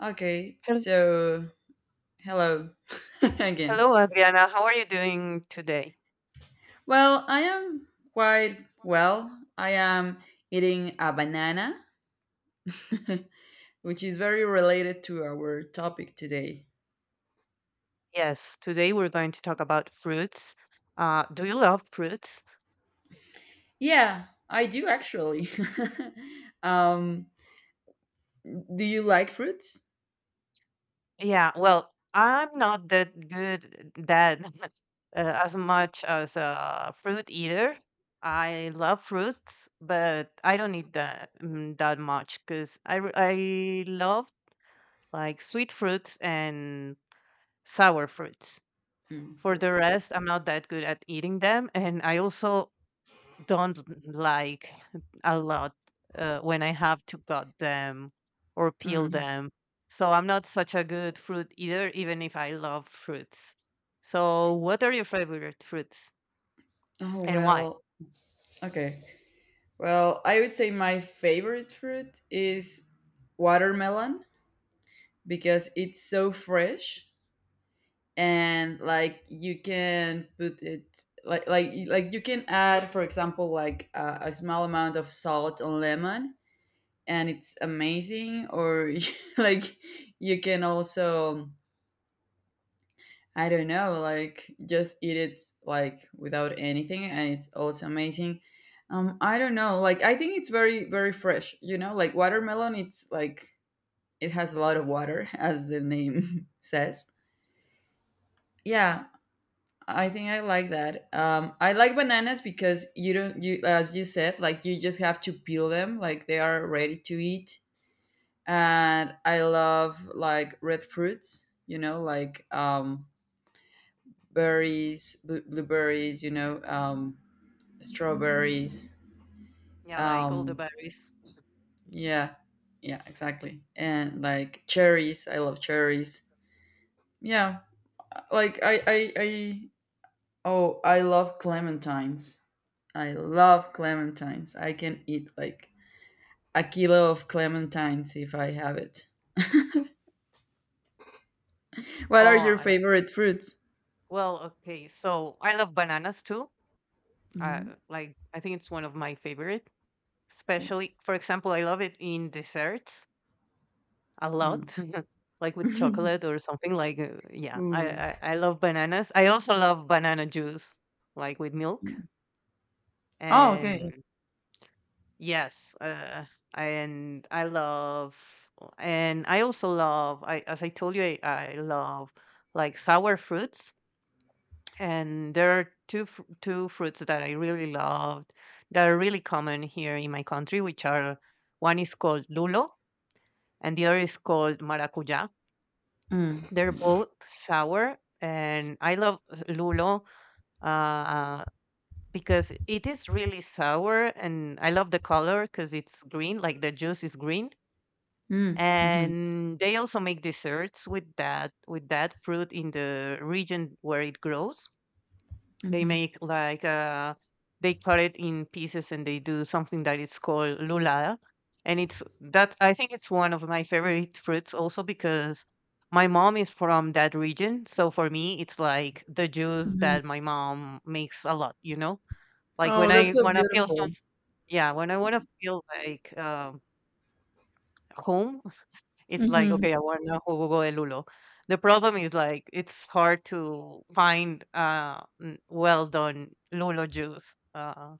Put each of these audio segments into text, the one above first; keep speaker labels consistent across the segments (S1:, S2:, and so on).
S1: Okay,
S2: Hel-
S1: so hello again.
S2: Hello, Adriana. How are you doing today?
S1: Well, I am quite well. I am eating a banana, which is very related to our topic today.
S2: Yes, today we're going to talk about fruits. Do you love fruits?
S1: Yeah, I do actually. um, do you like fruits?
S2: Yeah, well, I'm not that good that as much as a fruit eater. I love fruits, but I don't eat that that much because I love like sweet fruits and sour fruits.
S1: Mm,
S2: For
S1: cool.
S2: the rest, I'm not that good at eating them, and I also don't like a lot when I have to cut them or peel
S1: Mm.
S2: them. So I'm not such a good fruit eater, even if I love fruits. So, what are your favorite fruits
S1: Oh,
S2: and why?
S1: well, okay. Well, I would say my favorite fruit is watermelon because it's so fresh and like you can put it like you can add for example like a small amount of salt on lemon and it's amazing or like you can also I don't know, like just eat it like without anything and it's also amazing. I don't know, like I think it's very fresh, you know, like watermelon, it's like it has a lot of water as the name says. Yeah, I think I like that. I like bananas because you don't you as you said like you just have to peel them, like they are ready to eat. And I love like red fruits, you know, like berries, blueberries, you know, strawberries.
S2: Yeah, like all the
S1: Um,
S2: berries.
S1: yeah, yeah, exactly. And like cherries, I love cherries. Yeah, like I oh, I love clementines. I love clementines. I can eat like a kilo of clementines if I have it.
S2: Oh,
S1: What are your
S2: I,
S1: favorite fruits?
S2: well, okay. So I love bananas too. Uh,
S1: Mhm.
S2: like I think it's one of my favorite, especially for example, I love it in desserts. A
S1: Mm.
S2: lot, like with chocolate or something like yeah. I,
S1: Ooh.
S2: I I love bananas. I also love banana juice, like with milk.
S1: Oh, okay.
S2: And yes, and I love, and I also love. I as I told you, I love like sour fruits. And there are two fruits that I really loved that are really common here in my country, which are one is called lulo and the other is called maracuja.
S1: Mm.
S2: They're both sour, and I love lulo uh, because it is really sour, and I love the color because it's green, like the juice is green.
S1: Mm. Mhm.
S2: And they also make desserts with that fruit in the region where it grows. They
S1: Mhm.
S2: make like they cut it in pieces and they do something that is called lulada, and it's that I think it's one of my favorite fruits also because my mom is from that region, so for me it's like the juice
S1: Mhm.
S2: that my mom makes a lot. You know, like when
S1: Oh, that's
S2: I
S1: so
S2: want to feel
S1: beautiful.
S2: yeah, when I want to feel like home, it's like,
S1: Hmm.
S2: okay, I want a jugo de lulo. The problem is like it's hard to find well done lulo juice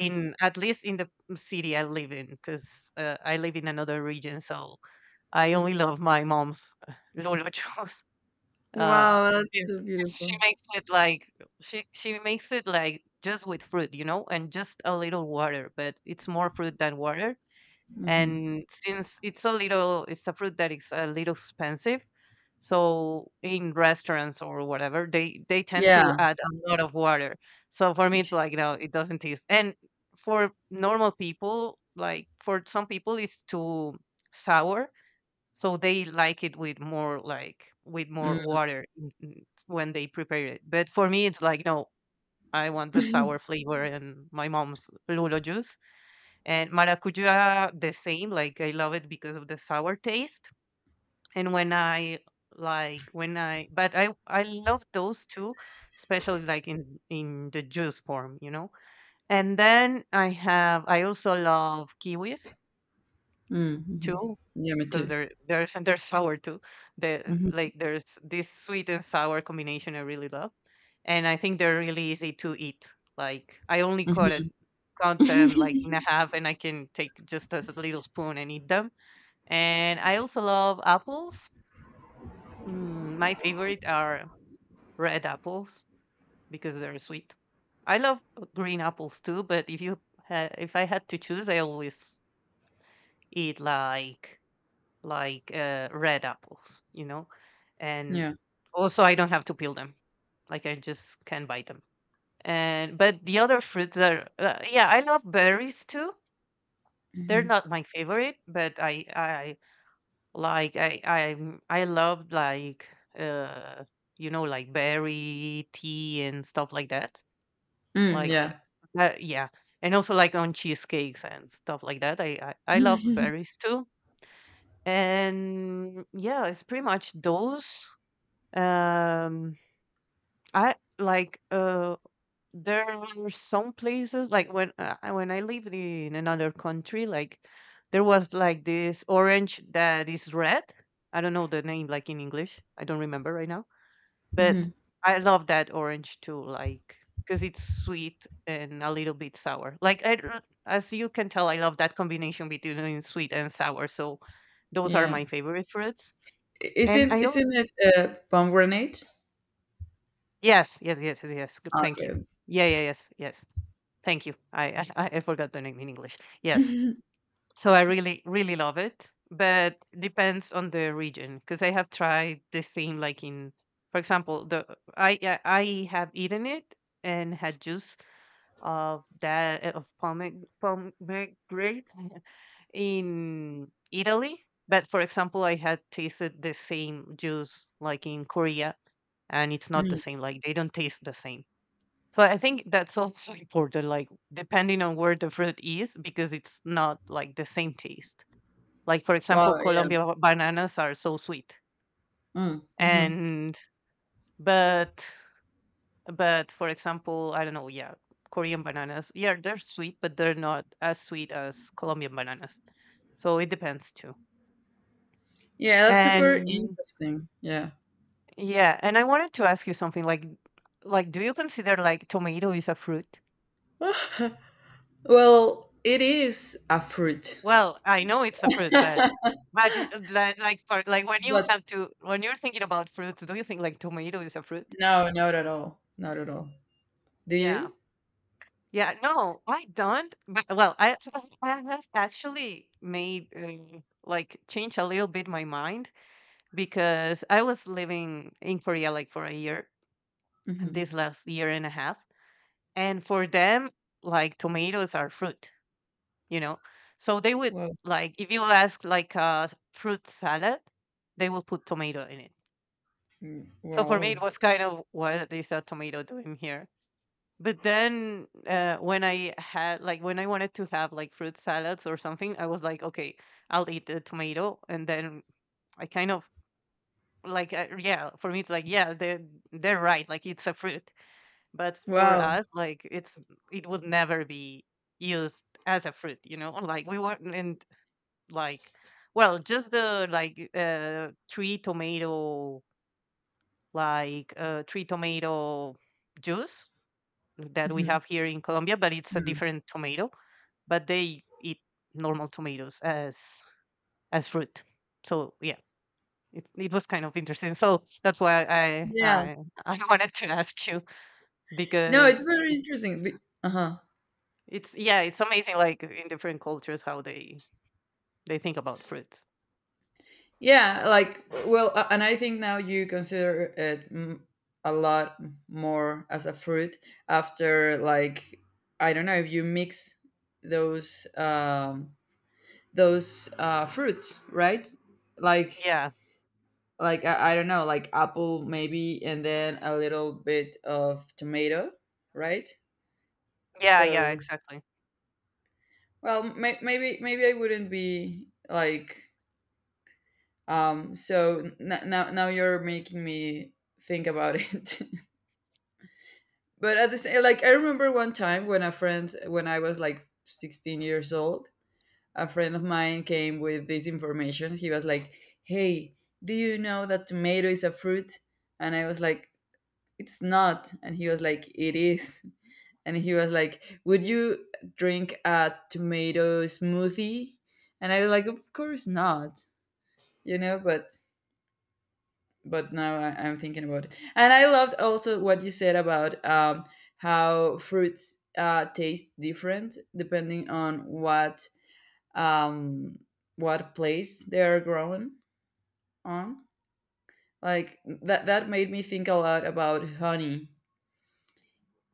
S2: in at least in the city I live in because I live in another region, so I only love my mom's lulo juice. Uh,
S1: Wow, that's
S2: since,
S1: so
S2: since she
S1: beautiful.
S2: makes it like she makes it like just with fruit, you know, and just a little water, but it's more fruit than water,
S1: Hmm.
S2: and since it's a little it's a fruit that is a little expensive, so in restaurants or whatever they tend to
S1: Yeah.
S2: add a lot of water. So for me it's like no, it doesn't taste. And for normal people, like for some people it's too sour, so they like it with more, like with more
S1: Mm.
S2: water when they prepare it. But for me it's like no, I want the sour flavor and my mom's lulo juice. And maracuja, the same. Like I love it because of the sour taste. And when I like when I, but I love those two, especially like in the juice form, you know. And then I also love kiwis
S1: Mm. Hmm.
S2: too
S1: Yeah, me
S2: because
S1: too.
S2: they're they're sour too, the
S1: Hmm.
S2: like there's this sweet and sour combination I really love. And I think they're really easy to eat, like I only cut it,
S1: Hmm.
S2: count them like in a half, and I can take just as a little spoon and eat them. And I also love apples. My favorite are red apples because they're sweet. I love green apples too, but if you if I had to choose, I always eat like red apples, you know? And
S1: yeah.
S2: also, I don't have to peel them. Like, I just can buy them. And, but the other fruits are, yeah, I love berries too. They're
S1: Hmm.
S2: not my favorite, but I like, I love like, uh, you know, like berry tea and stuff like that.
S1: Mm,
S2: Like,
S1: yeah.
S2: yeah. And also like on cheesecakes and stuff like that. I love berries too. And yeah, it's pretty much those. Um, I like there are some places like when when I lived in another country, like there was like this orange that is red. I don't know the name like in English. I don't remember right now, but
S1: Hmm.
S2: I love that orange too, like because it's sweet and a little bit sour. Like as you can tell, I love that combination between sweet and sour. So those are
S1: Yeah.
S2: my favorite fruits. And
S1: Isn't
S2: I also
S1: isn't it a pomegranate?
S2: yes, yes, yes, yes, yes. Good, thank you.
S1: Okay.
S2: Yeah, yeah, yes, yes. Thank you. I forgot the name in English. Yes. So I really really love it, but depends on the region because I have tried the same like in, for example, the I have eaten it and had juice of that of pomegranate in Italy. But for example, I had tasted the same juice like in Korea, and it's not the
S1: Mm.
S2: same. Like they don't taste the same. So I think that's also important, like depending on where the fruit is, because it's not like the same taste. Like for example,
S1: Wow. Yeah.
S2: Colombia bananas are so sweet,
S1: Mm. Hmm.
S2: and but but for example, I don't know, yeah, Korean bananas, yeah, they're sweet, but they're not as sweet as Colombian bananas. So it depends too.
S1: Yeah. That's super
S2: And
S1: interesting. Yeah.
S2: yeah, and I wanted to ask you something like do you consider like tomato is a fruit?
S1: well, it is a fruit,
S2: Well, I know it's a fruit, but like for like when you
S1: but
S2: have to when you're thinking about fruits, do you think like tomato is a fruit?
S1: no, not at all. Not at all. Do
S2: Yeah.
S1: you?
S2: Yeah, no, I don't. But, well, I I have actually made like change a little bit my mind because I was living in Korea like for a year, and
S1: Hmm.
S2: this last year and a half, and for them like tomatoes are fruit, you know. So they would,
S1: Wow.
S2: like if you ask like a fruit salad, they will put tomato in it.
S1: Mm.
S2: So for me it
S1: Wow.
S2: was kind of, what is a tomato doing here? But then when I had, like when I wanted to have like fruit salads or something, I was like, okay, I'll eat the tomato. And then I kind of like yeah, for me it's like, yeah, they're right, like it's a fruit, but for
S1: Wow.
S2: us like it's, it would never be used as a fruit, you know, like we weren't and. Like well, just the like three tomato, like three tomato juice that we
S1: Hmm.
S2: have here in Colombia, but it's a different tomato. But they eat normal tomatoes as fruit. So yeah, it was kind of interesting. So that's why
S1: Yeah.
S2: I wanted to ask you,
S1: No, it's
S2: because
S1: very
S2: it's
S1: interesting. Uh huh.
S2: it's yeah, it's amazing like in different cultures how they think about fruits.
S1: Yeah, like well, and I think now you consider it a lot more as a fruit after like I don't know if you mix those um those fruits, right? Like
S2: Yeah,
S1: like I don't know, like apple maybe and then a little bit of tomato, right?
S2: yeah, yeah,
S1: So,
S2: exactly.
S1: well, maybe maybe I wouldn't be like so now now you're making me think about it. But at the same, like I remember one time when a friend when I was like 16 years old, a friend of mine came with this information. He was like, "Hey, do you know that tomato is a fruit?" And I was like, "It's not." And he was like, "It is." And he was like, "Would you drink a tomato smoothie?" And I was like, "Of course not," you know. But now I, I'm thinking about it. And I loved also what you said about how fruits taste different depending on um, what place they are grown on. Like that that made me think a lot about honey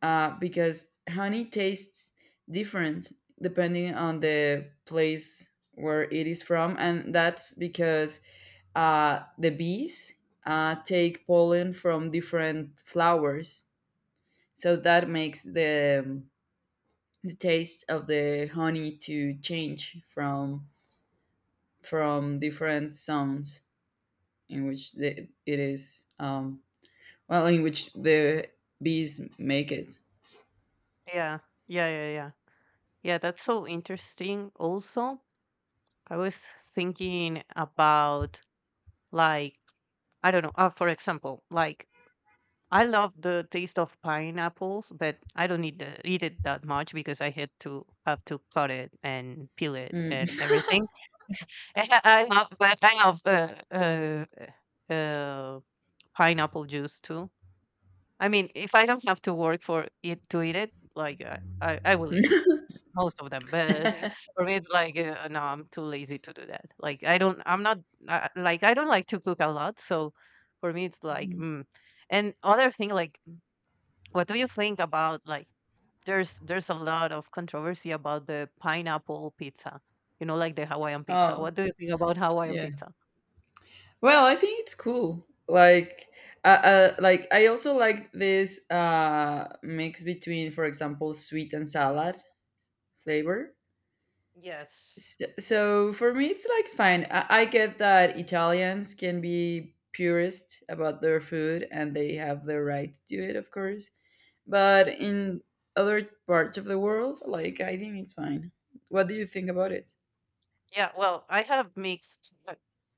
S1: because honey tastes different depending on the place where it is from, and that's because the bees take pollen from different flowers. So that makes the taste of the honey to change from different zones in which the, it is well in which the bees make it.
S2: Yeah, yeah, yeah, yeah. Yeah, that's so interesting. Also, I was thinking about like I don't know. For example, like I love the taste of pineapples, but I don't need to eat it that much because I had to have to cut it and peel it
S1: Mm.
S2: and everything. And I love, but I love uh, uh, pineapple juice too. I mean, if I don't have to work for it to eat it, like I will eat it. Most of them, but for me, it's like, no, I'm too lazy to do that. Like, I'm not, like, I don't like to cook a lot. So for me, it's like,
S1: Mhm.
S2: mm. And other thing, like, what do you think about, like, there's a lot of controversy about the pineapple pizza, you know, like the Hawaiian pizza.
S1: Oh
S2: What do you think about Hawaiian
S1: yeah.
S2: pizza?
S1: Well, I think it's cool. Like I also like this mix between, for example, sweet and salad flavor.
S2: Yes.
S1: So, so for me, it's like fine. I get that Italians can be purist about their food and they have the right to do it, of course. But in other parts of the world, like I think it's fine. What do you think about it?
S2: Yeah, well, I have mixed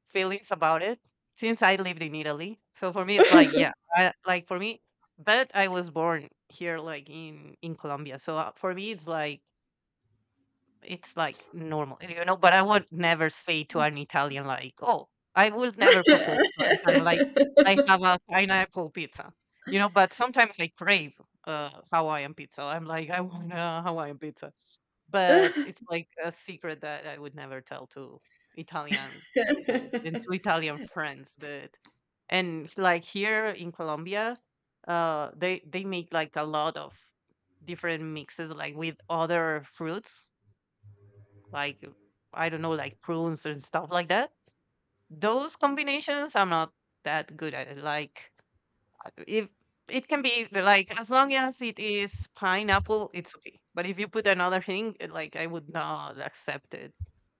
S2: feelings about it since I lived in Italy. So for me, it's like, yeah, like for me, but I was born here, like in Colombia. So for me, it's like normal, you know. But I would never say to an Italian like, oh, I would never propose to an Italian like, I have a pineapple pizza, you know. But sometimes I crave Hawaiian pizza. I'm like, I want a Hawaiian pizza, but it's like a secret that I would never tell to Italian people and to Italian friends. But and like here in Colombia, they make like a lot of different mixes, like with other fruits, like I don't know, like prunes and stuff like that. Those combinations, I'm not that good at it. Like if it can be like, as long as it is pineapple, it's okay. But if you put another thing, like I would not accept it.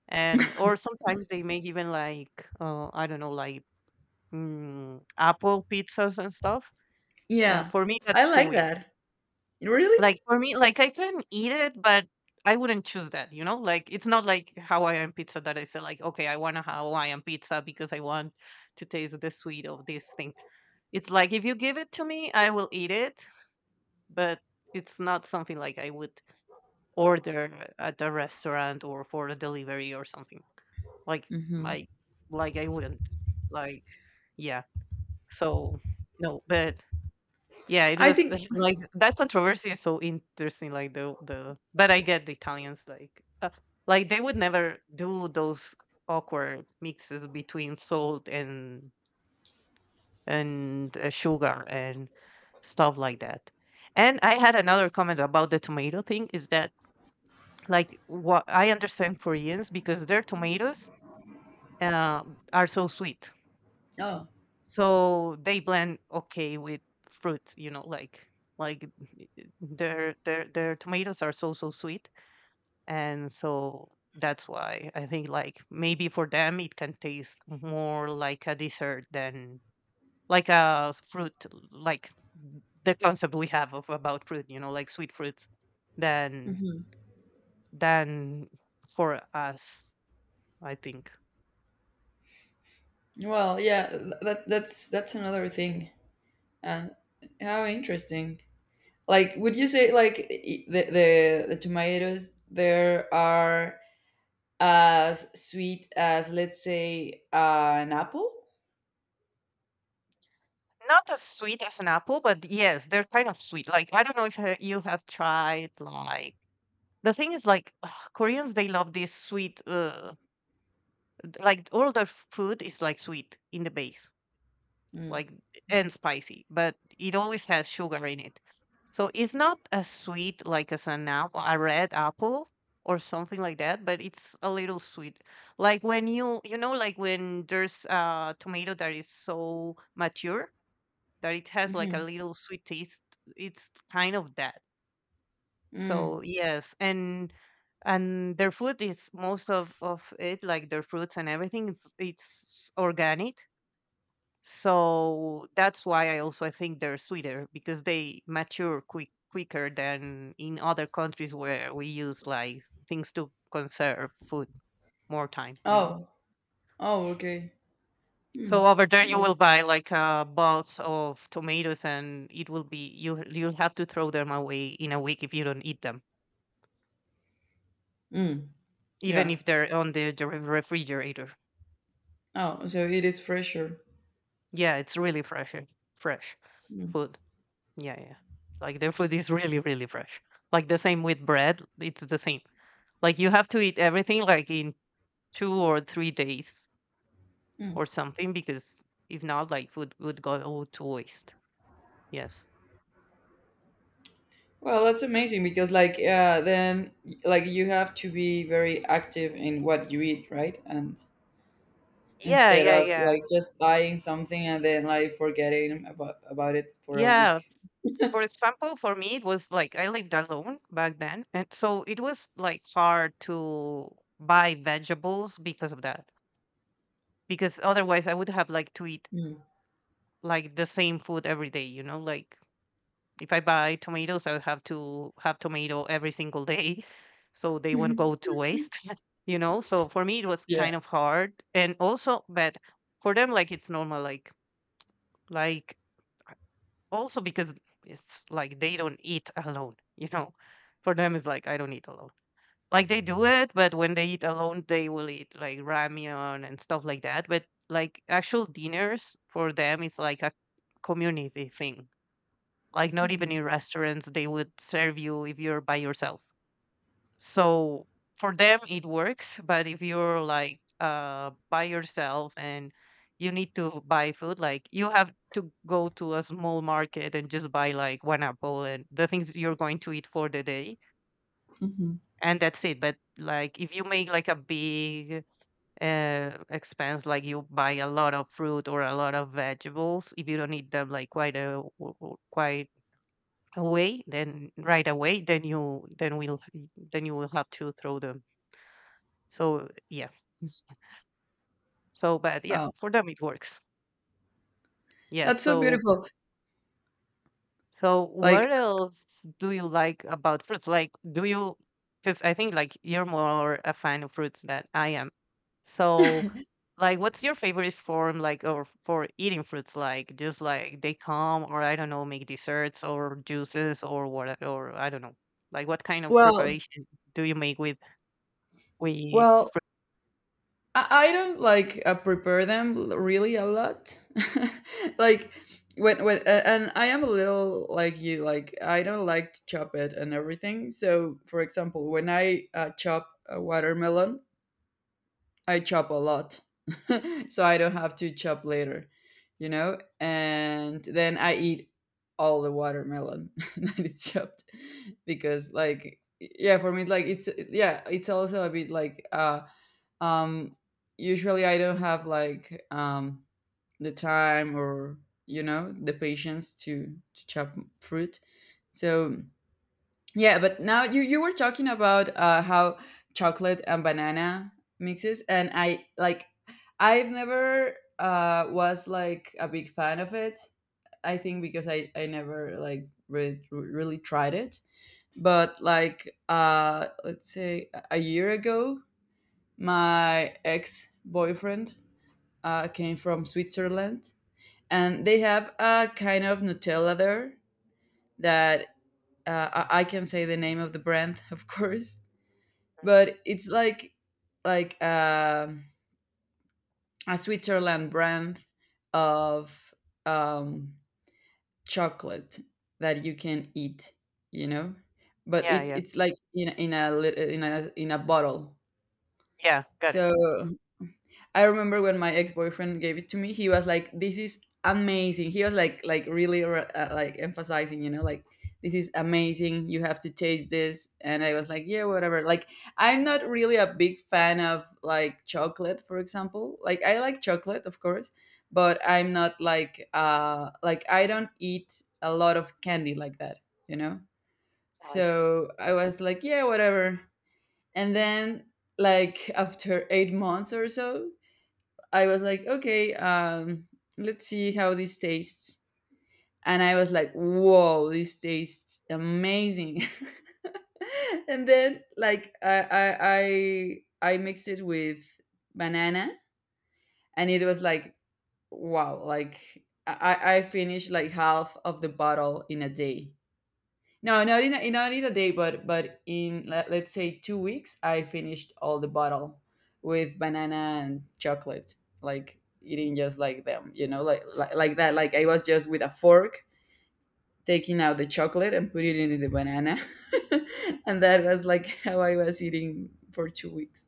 S2: And or sometimes they make even like I don't know, like apple pizzas and stuff.
S1: Yeah,
S2: For me,
S1: I
S2: that's too
S1: like
S2: weird.
S1: that. Really?
S2: Like for me, like I can eat it, but I wouldn't choose that. You know, like it's not like Hawaiian pizza that I say like, okay, I want a Hawaiian pizza because I want to taste the sweet of this thing. It's like if you give it to me, I will eat it but it's not something like I would order at a restaurant or for a delivery or something. Like
S1: Hmm.
S2: I like, I wouldn't. Like, yeah. So no, but yeah, it
S1: I
S2: was
S1: think.
S2: like that controversy is so interesting. Like the but I get the Italians like like they would never do those awkward mixes between salt and and sugar and stuff like that. And I had another comment about the tomato thing is that like what I understand Koreans because their tomatoes uh, are so sweet,
S1: Oh,
S2: so they blend okay with fruit. You know, like their tomatoes are so so sweet, and so that's why I think like maybe for them it can taste more like a dessert than like a fruit, like the concept we have of about fruit. You know, like sweet fruits than
S1: hmm,
S2: than for us. I think.
S1: well, yeah. That that's another thing. Uh, how interesting. Like, would you say like the tomatoes there are as sweet as let's say an apple?
S2: Not as sweet as an apple, but yes, they're kind of sweet. Like I don't know if you have tried like the thing is like Koreans they love this sweet like all their food is like sweet in the base,
S1: Mm.
S2: like and spicy, but it always has sugar in it. So it's not as sweet like as an apple, a red apple or something like that, but it's a little sweet. Like when you know like when there's a tomato that is so mature that it has like a
S1: Mm-hmm.
S2: little sweet taste. It's kind of that.
S1: Mm.
S2: So yes, and their food is most of it like their fruits and everything. It's organic. So that's why I also I think they're sweeter because they mature quicker than in other countries where we use like things to conserve food more time. You know.
S1: Oh. Oh. Okay.
S2: So over there, you
S1: That.
S2: will buy like a box of tomatoes, and it will be you. You'll have to throw them away in a week if you don't eat them,
S1: Mm.
S2: even
S1: Yeah.
S2: if they're on the refrigerator.
S1: Oh. So it is fresher.
S2: Yeah, it's really fresh, eh, fresh
S1: Mm.
S2: food. Yeah, yeah. Like their food is really, really fresh. Like the same with bread, it's the same. Like you have to eat everything like in 2 or 3 days
S1: Mm.
S2: or something, because if not, like food would go all to waste. Yes.
S1: Well, that's amazing because like then like you have to be very active in what you eat, right? And
S2: Yeah,
S1: instead
S2: yeah,
S1: of
S2: yeah.
S1: like just buying something and then like forgetting about it for a
S2: Yeah,
S1: week.
S2: for example, for me, it was like I lived alone back then. And so it was like hard to buy vegetables because of that. Because otherwise, I would have like to eat
S1: Mm.
S2: like the same food every day, you know? Like if I buy tomatoes, I would have to have tomato every single day. So they won't
S1: Mhm.
S2: go to waste, you know? So for me, it was
S1: Yeah.
S2: kind of hard. And also, but for them, like it's normal. Like also because it's like they don't eat alone you know for them it's like I don't eat alone. Like they do it but when they eat alone they will eat like ramyeon and stuff like that, but like actual dinners for them is like a community thing. Like not even
S1: Mhm.
S2: in restaurants they would serve you if you're by yourself. So for them it works, but if you're like by yourself and you need to buy food, like you have to go to a small market and just buy like one apple and the things you're going to eat for the day,
S1: Mhm.
S2: and that's it. But like if you make like a big expense, like you buy a lot of fruit or a lot of vegetables, if you don't need them like quite a quite away then right away, then you then we'll then you will have to throw them. So yeah. s- So but yeah,
S1: Wow,
S2: for them it works. Yes,
S1: that's so
S2: so
S1: beautiful.
S2: so
S1: Like
S2: what else do you like about fruits? Like do you, because I think like you're more a fan of fruits than I am. So like what's your favorite form like or for eating fruits, like just like they come, or I don't know, make desserts or juices, or what, or I don't know, like what kind of
S1: well,
S2: preparation do you make with
S1: well, I don't, like, prepare them l really a lot. Like, when a and I am a little like you, like, I don't like to chop it and everything. So, for example, when I, chop a watermelon, I chop a lot, so I don't have to chop later, you know. And then I eat all the watermelon that is chopped because, like, yeah, for me, like it's yeah, it's also a bit like um usually I don't have like the time or you know the patience to chop fruit, so yeah. But now you were talking about how chocolate and banana mixes, and I like I've never was like a big fan of it. I think because I never like really tried it. But like let's say a year ago, my ex boyfriend came from Switzerland, and they have a kind of Nutella there that I can say the name of the brand, of course,
S2: mm,
S1: but it's like a Switzerland brand of um, chocolate that you can eat, you know, but
S2: yeah
S1: it
S2: yeah
S1: it's like in a in a bottle.
S2: yeah, got it.
S1: So I remember when my ex boyfriend gave it to me. He was like, "This is amazing." He was like really like emphasizing, you know, like, "This is amazing. You have to taste this." And I was like, yeah, whatever. Like I'm not really a big fan of like chocolate, for example. Like I like chocolate, of course, but I'm not like like I don't eat a lot of candy like that, you know.
S2: Oh, I see.
S1: So I was like, yeah, whatever. And then like after 8 months or so I was like, okay, let's see how this tastes. And I was like, whoa, this tastes amazing. And then like I I mixed it with banana, and it was like, wow, like I finished like half of the bottle in a day. No, not in a, not in a day, but in let, let's say 2 weeks, I finished all the bottle with banana and chocolate, like eating just like them, you know, like that. Like I was just with a fork taking out the chocolate and putting it in the banana, and that was like how I was eating for 2 weeks.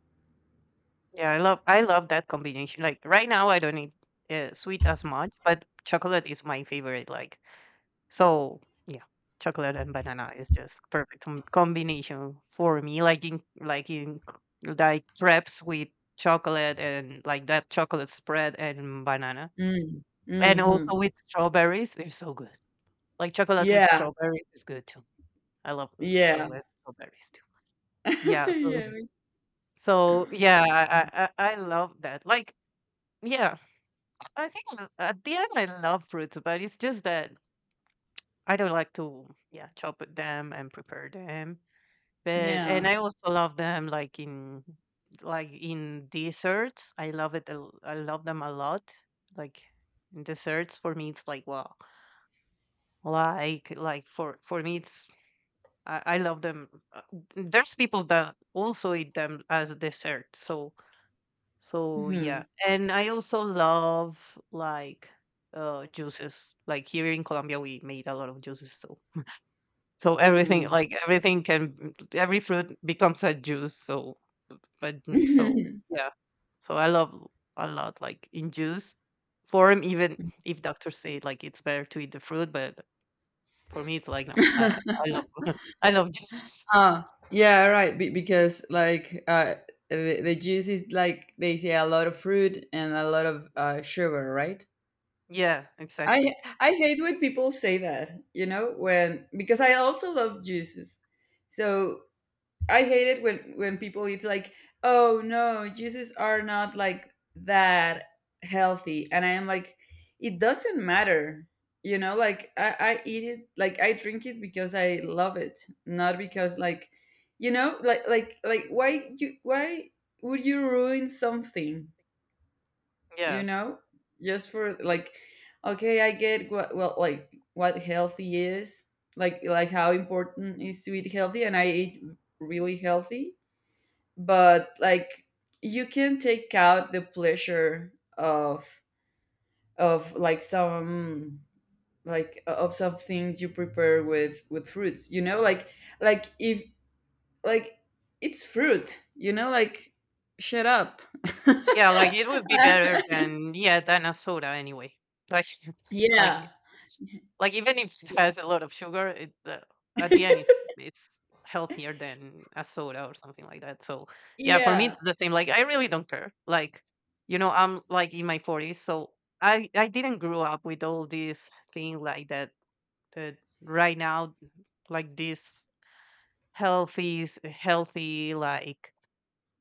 S2: Yeah, I love that combination. Like right now, I don't eat sweet as much, but chocolate is my favorite. Like so, yeah, chocolate and banana is just perfect combination for me. Like in like in like crepes with chocolate and like that chocolate spread and banana,
S1: Mm.
S2: and
S1: Hmm.
S2: also with strawberries is so good. Like chocolate with
S1: Yeah.
S2: strawberries is good too. I love
S1: Yeah.
S2: chocolate strawberries too. Yeah, so
S1: yeah.
S2: so yeah, I love that. Like yeah, I think at the end I love fruits, but it's just that I don't like to yeah chop them and prepare them. But and
S1: Yeah.
S2: I also love them like in desserts. I love it. I love them a lot. Like in desserts for me, it's like wow. Like for me, it's I love them. There's people that also eat them as dessert. So so yeah,
S1: Hmm.
S2: and I also love like juices. Like here in Colombia, we made a lot of juices. So so everything, like everything can, every fruit becomes a juice. So but mm, so yeah, so I love a lot like in juice form. Even if doctors say like it's better to eat the fruit, but for me it's like no, I love I love juices.
S1: Ah, yeah, right. Because like the juice is like they say a lot of fruit and a lot of sugar, right?
S2: Yeah,
S1: I
S2: exactly.
S1: I hate when people say that, you know, when because I also love juices. So I hate it when people it's like, oh no, juices are not like that healthy, and I am like, it doesn't matter, you know. Like I eat it, like I drink it because I love it, not because like, you know, like like why you why would you ruin something, you
S2: Yeah.
S1: know, just for like, okay, I get what well like what healthy is, like how important is to eat healthy, and I eat really healthy but like you can take out the pleasure of like some like of some things you prepare with fruits you know like if like it's fruit you know like shut up.
S2: Yeah, like, it would be better than yeah, than a soda anyway. Like like
S1: Yeah,
S2: like, even if it has a lot of sugar, it, at the end, it's healthier than a soda or something like that. So, yeah, for me, it's
S1: yeah,
S2: the same. Like, I really don't care. Like, you know, I'm, like, in my 40s, so I didn't grow up with all this thing like that right now, like, this healthy s healthy, like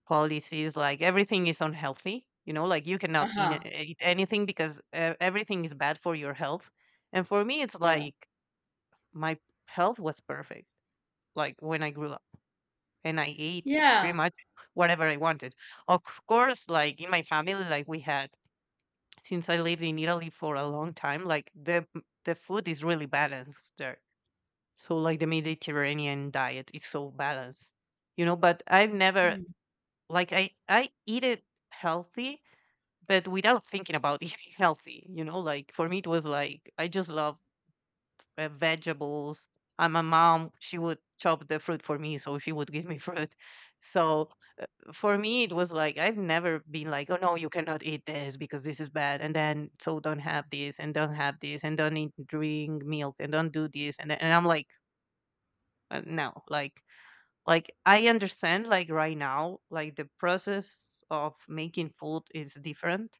S2: policies, like everything is unhealthy, you know, like you cannot eat,
S1: uh-huh,
S2: eat anything because everything is bad for your health, and for me it's
S1: yeah,
S2: like my health was perfect like when I grew up, and I ate pretty
S1: yeah.
S2: much whatever I wanted. Of course, like in my family, like we had, since I lived in Italy for a long time, like the food is really balanced there. So like the Mediterranean diet is so balanced, you know, but I've never
S1: Mhm.
S2: like I eat it healthy but without thinking about eating healthy, you know, like for me it was like I just love vegetables, and my mom she would chop the fruit for me, so she would give me fruit. So for me it was like I've never been like, oh no, you cannot eat this because this is bad, and then so don't have this and don't have this and don't eat drink milk and don't do this and I'm like no, like like I understand like right now like the process of making food is different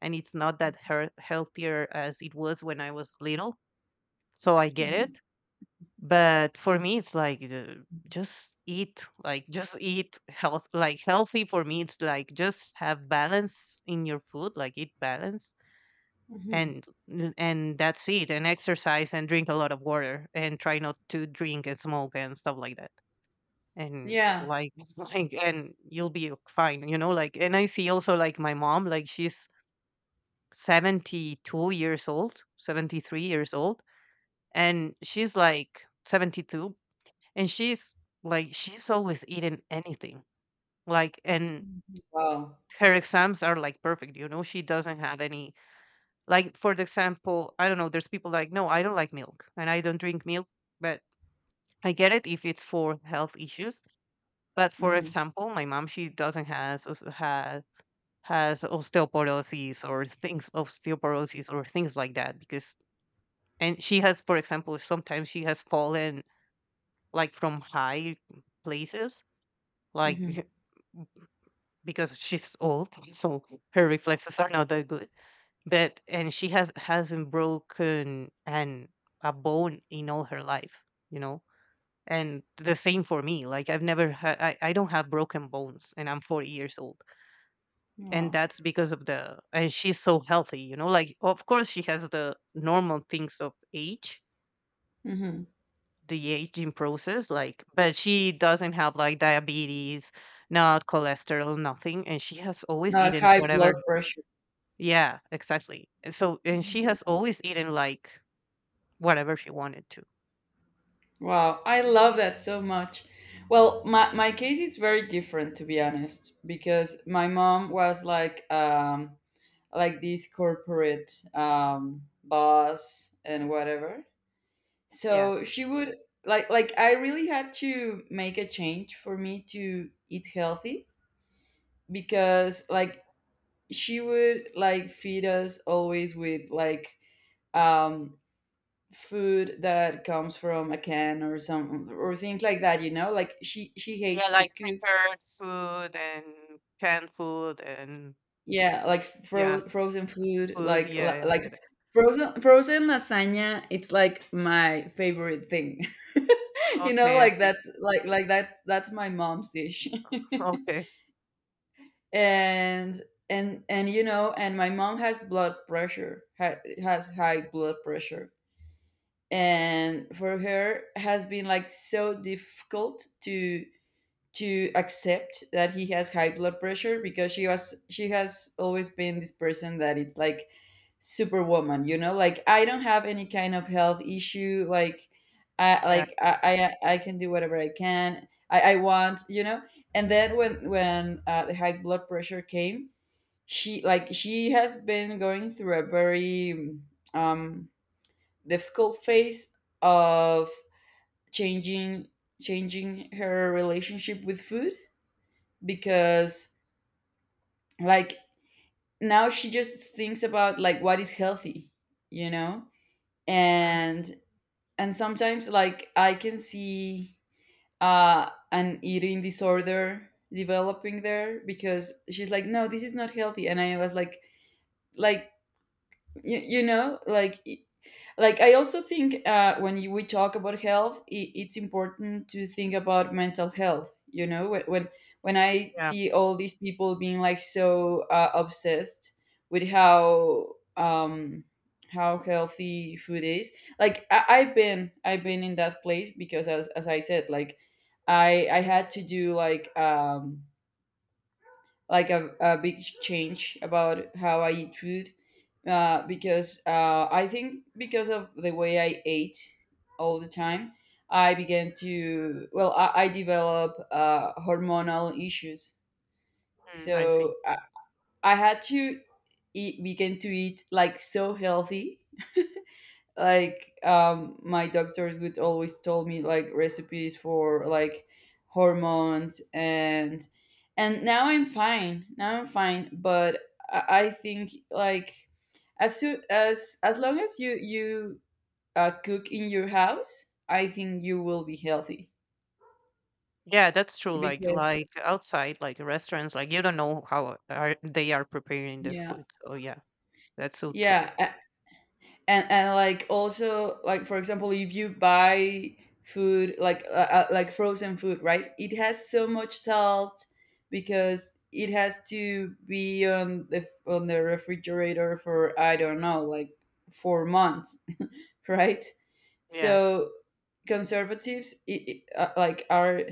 S2: and it's not that healthier as it was when I was little. So I get
S1: Mhm.
S2: it. But for me, it's like just eat, like just eat health, like healthy. For me, it's like just have balance in your food, like eat balance,
S1: Mhm.
S2: and and that's it. And exercise and drink a lot of water and try not to drink and smoke and stuff like that and
S1: Yeah.
S2: like like and you'll be fine, you know, like and I see also like my mom, like she's 72 years old, 73 years old, and she's like 72, and she's like she's always eating anything. Like and
S1: Wow.
S2: her exams are like perfect, you know. She doesn't have any, like for the example, I don't know, there's people like, "No, I don't like milk and I don't drink milk." But I get it if it's for health issues, but for
S1: Hmm.
S2: example, my mom, she doesn't has has osteoporosis or things like that, because, and she has, for example, sometimes she has fallen like from high places,
S1: Hmm.
S2: like because she's old, so her reflexes are not that good. But and she hasn't broken an a bone in all her life, you know. And the same for me. Like I've never had, I don't have broken bones, and I'm 40 years old, and
S1: Wow.
S2: that's because of the. And she's so healthy, you know. Like of course she has the normal things of age,
S1: Hmm.
S2: the aging process, like, but she doesn't have like diabetes, not cholesterol, nothing, and she has always
S1: Not
S2: eaten
S1: high
S2: whatever.
S1: blood pressure.
S2: Yeah, exactly. And so, and she has always eaten like whatever she wanted to.
S1: Wow, I love that so much. Well, my case is very different to be honest, because my mom was like this corporate boss and whatever.
S2: Yeah,
S1: So she would like I really had to make a change for me to eat healthy because she would like feed us always with like um food that comes from a can or some or things like that, she
S2: yeah,
S1: hates to
S2: like
S1: cook.
S2: prepared food and canned food and
S1: Yeah, like
S2: yeah,
S1: frozen food,
S2: food,
S1: like li-
S2: yeah, I
S1: like
S2: get it.
S1: frozen lasagna, it's like my favorite thing. You know,
S2: Okay, I
S1: like
S2: see.
S1: that's like that's my mom's dish.
S2: Okay.
S1: and and you know and my mom has blood has high blood pressure, and for her has been like so difficult to accept that he has high blood pressure, because she has always been this person that it's like superwoman. You know, like, I don't have any kind of health issue.
S2: Yeah.
S1: I can do whatever I can I want, you know. And then when the high blood pressure came, she has been going through a very um difficult phase of changing changing her relationship with food, because like now she just thinks about like what is healthy, you know.
S2: mm,
S1: and and sometimes like I can see an eating disorder developing there, because she's like, no, this is not healthy. And I was like you know, like I also think, when we talk about health, I it's important to think about mental health, you know, when I
S2: yeah.
S1: see all these people being like so obsessed with how healthy food is. I've been in that place, because as I said, like I had to do like a big change about how I eat food, because I think because of the way I ate all the time, I began to, well, I developed hormonal issues.
S2: I see.
S1: So I had to begin to eat like so healthy, like my doctors would always tell me like recipes for like hormones. And now I'm fine, but I think like as long as you cook in your house, I think you will be healthy,
S2: Yeah, that's true. Like
S1: because
S2: like outside, like restaurants, like you don't know how are they are preparing the
S1: yeah,
S2: food. Oh yeah, that's so true.
S1: yeah. And like also, like for example, if you buy food like frozen food, right, it has so much salt because it has to be on the refrigerator for I don't know like 4 months. Right?
S2: Yeah,
S1: So conservatives it it like are,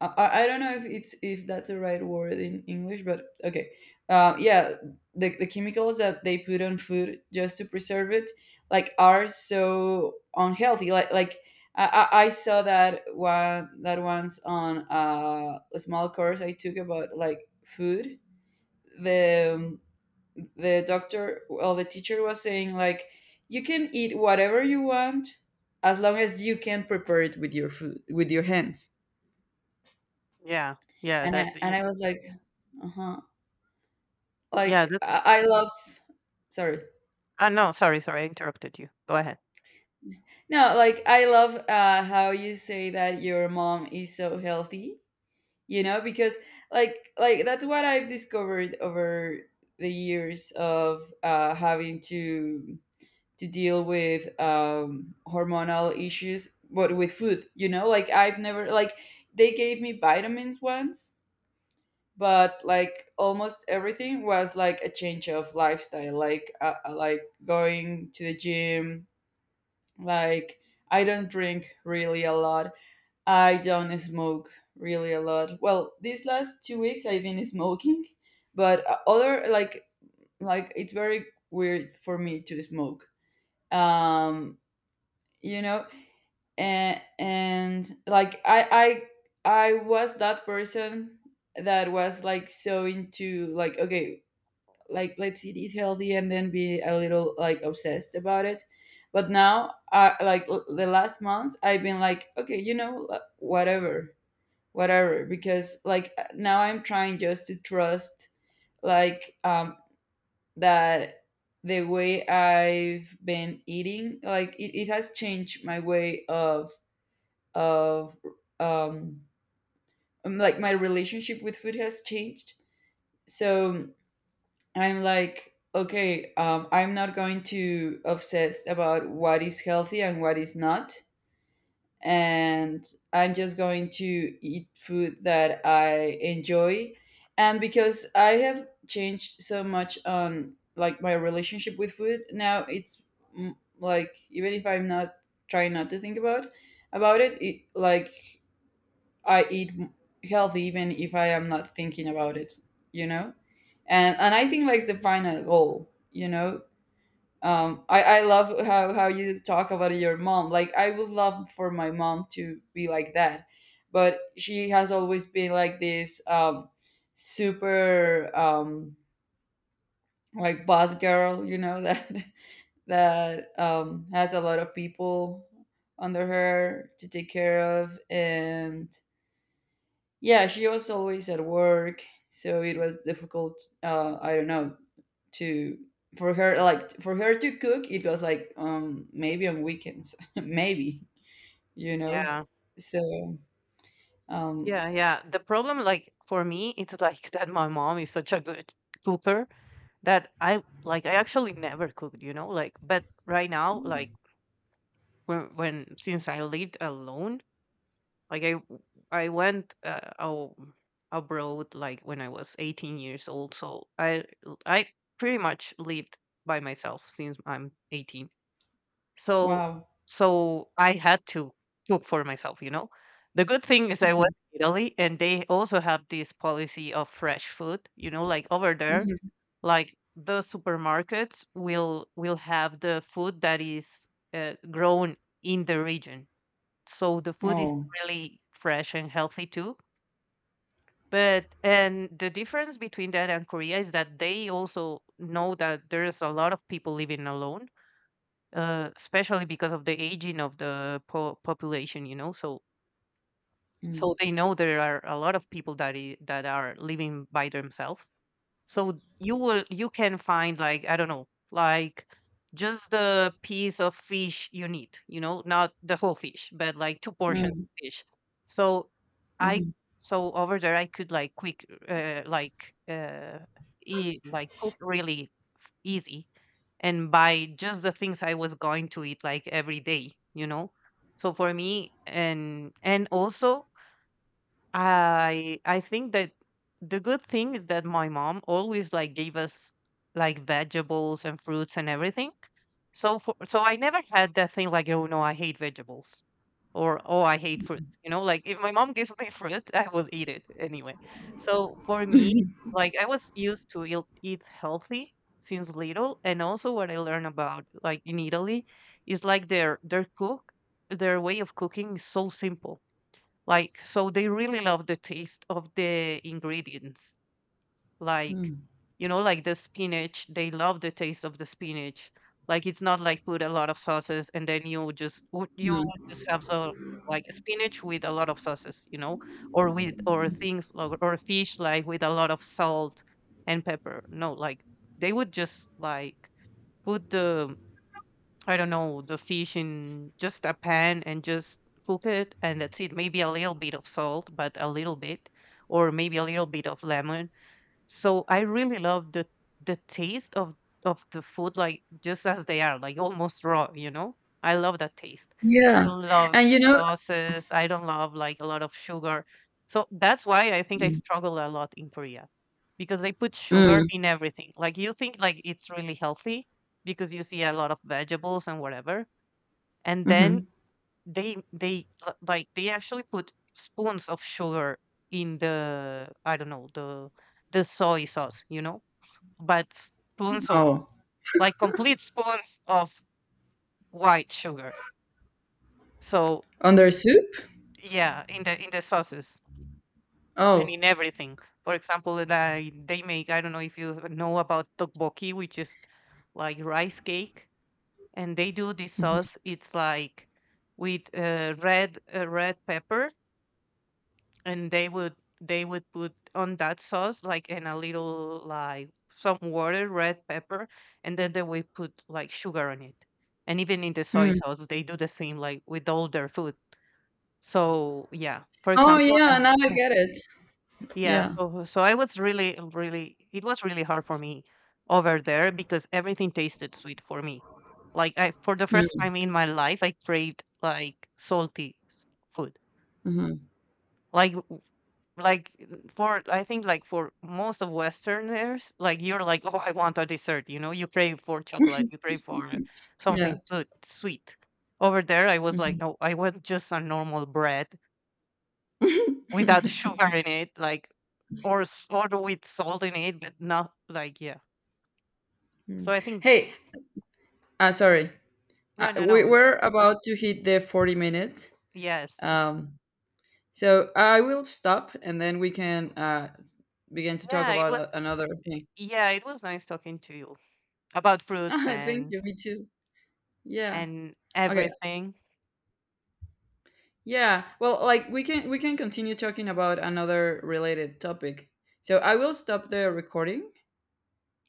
S1: I don't know if it's if that's the right word in English, but okay. Yeah, the chemicals that they put on food just to preserve it, like are so unhealthy. I saw that one that once on a small course I took about like food. The um, the doctor, well, the teacher was saying like, you can eat whatever you want as long as you can prepare it with your food with your hands.
S2: yeah, yeah.
S1: And I and I was like, uh-huh.
S2: Yeah. That
S1: I love sorry.
S2: Ah no, sorry, sorry, I interrupted you. Go ahead.
S1: No, like I love how you say that your mom is so healthy, you know, because that's what I've discovered over the years of having to deal with hormonal issues but with food, you know? Like I've never like they gave me vitamins once, but like almost everything was like a change of lifestyle, like going to the gym. Like, I don't drink really a lot. I don't smoke really a lot, well, these last 2 weeks I've been smoking, but other like it's very weird for me to smoke. um you know and like I was that person that was like so into like, okay, like, let's eat it healthy and then be a little like obsessed about it. But now, the last months I've been like, okay, you know, whatever, because like, now I'm trying just to trust like that the way I've been eating like, it has changed my way of of um like my relationship with food has changed. So I'm like, okay, I'm not going to obsess about what is healthy and what is not. And I'm just going to eat food that I enjoy. And because I have changed so much on like my relationship with food, now it's mm, like even if I'm not trying not to think about it, it like I eat healthy even if I am not thinking about it, you know? And I think like the final goal, you know? I love how you talk about your mom. Like I would love for my mom to be like that. But she has always been like this super like boss girl, you know, that has a lot of people under her to take care of. And yeah, she was always at work, so it was difficult. I don't know to for her like for her to cook. It was like maybe on weekends, maybe, you know.
S2: Yeah,
S1: So um
S2: yeah, yeah. The problem, like for me, it's like that my mom is such a good cooker that I like. I actually never cooked, you know. Like, but right now, like when since I lived alone, Like I w- I went abroad like when I was 18 years old, so I pretty much lived by myself since I'm 18. So
S1: wow.
S2: so I had to cook for myself, you know. The good thing is I was in Italy, and they also have this policy of fresh food, you know, like over
S1: Mhm,
S2: there,
S1: mhm.
S2: like the supermarkets will have the food that is grown in the region, so the food is
S1: Oh.
S2: really fresh and healthy too. But, and the difference between that and Korea is that they also know that there's a lot of people living alone, especially because of the aging of the population, you know. So
S1: Mm,
S2: so they know there are a lot of people that are living by themselves. So you will you can find like, I don't know, like just the piece of fish you need, you know, not the whole fish, but like two portions
S1: mm,
S2: of fish. So I
S1: mhm.
S2: so over there I could like quick like eat, like cook really easy, and buy just the things I was going to eat like every day, you know. So for me, and also I think that the good thing is that my mom always like gave us like vegetables and fruits and everything. So for, so I never had that thing like, oh no, I hate vegetables, or oh, I hate fruits. You know, like if my mom gives me fruit, I will eat it anyway. So for me, like I was used to eat, eat healthy since little. And also what I learned about like in Italy is like their cook, their way of cooking is so simple. Like, so they really love the taste of the ingredients. Like,
S1: Mm,
S2: you know, like the spinach, they love the taste of the spinach. Like, it's not like put a lot of sauces and then you you would
S1: mm.
S2: just have so like spinach with a lot of sauces, you know, or with or things, or fish like with a lot of salt and pepper. No, like they would just like put the, I don't know, the fish in just a pan and just cook it and that's it. Maybe a little bit of salt, but a little bit, or maybe a little bit of lemon. So I really love the taste of the food like just as they are, like almost raw, you know? I love that taste. I
S1: Yeah,
S2: don't love
S1: and you know,
S2: sauces. I don't love like a lot of sugar. So that's why I think I
S1: mm,
S2: struggle a lot in Korea, because they put sugar
S1: mm,
S2: in everything. Like you think like it's really healthy because you see a lot of vegetables and whatever. And then
S1: mhm.
S2: like they actually put spoons of sugar in the, I don't know, the soy sauce, you know, but spoons of,
S1: Oh,
S2: like complete spoons of white sugar. So
S1: on their soup.
S2: yeah, in the sauces and
S1: Oh,
S2: in everything. For example, they make, I don't know if you know about tteokbokki, which is like rice cake, and they do this
S1: mhm,
S2: sauce. It's like with red red pepper, and they would put on that sauce like in a little, like some water, red pepper, and then they would put like sugar on it. And even in the soy
S1: mm.
S2: sauce they do the same, like with all their food. So yeah, for
S1: Oh
S2: example,
S1: yeah, now I
S2: uh,
S1: get it.
S2: yeah.
S1: Yeah.
S2: So so I was really, really, it was really hard for me over there because everything tasted sweet for me. Like I, for the first
S1: Mm,
S2: time in my life, I craved like salty food.
S1: mhm.
S2: like like for, I think like for most of westerners, like you're like, oh, I want a dessert, you know, you crave for chocolate, you crave for something
S1: Yeah.
S2: so sweet. Over there I was like,
S1: Mhm.
S2: no, I want just a normal bread without sugar in it, like, or or with salt in it, but not like, yeah.
S1: Mm.
S2: So I think,
S1: Hey, sorry.
S2: no, no,
S1: We
S2: no.
S1: we're about to hit the 40 minute.
S2: Yes.
S1: Um, so I will stop and then we can begin to talk
S2: Yeah, it
S1: about
S2: was,
S1: another thing.
S2: yeah, it was nice talking to you about fruits
S1: Thank you. Me too. Yeah.
S2: and
S1: Okay.
S2: everything.
S1: Yeah. Well, like we can continue talking about another related topic. So I will stop the recording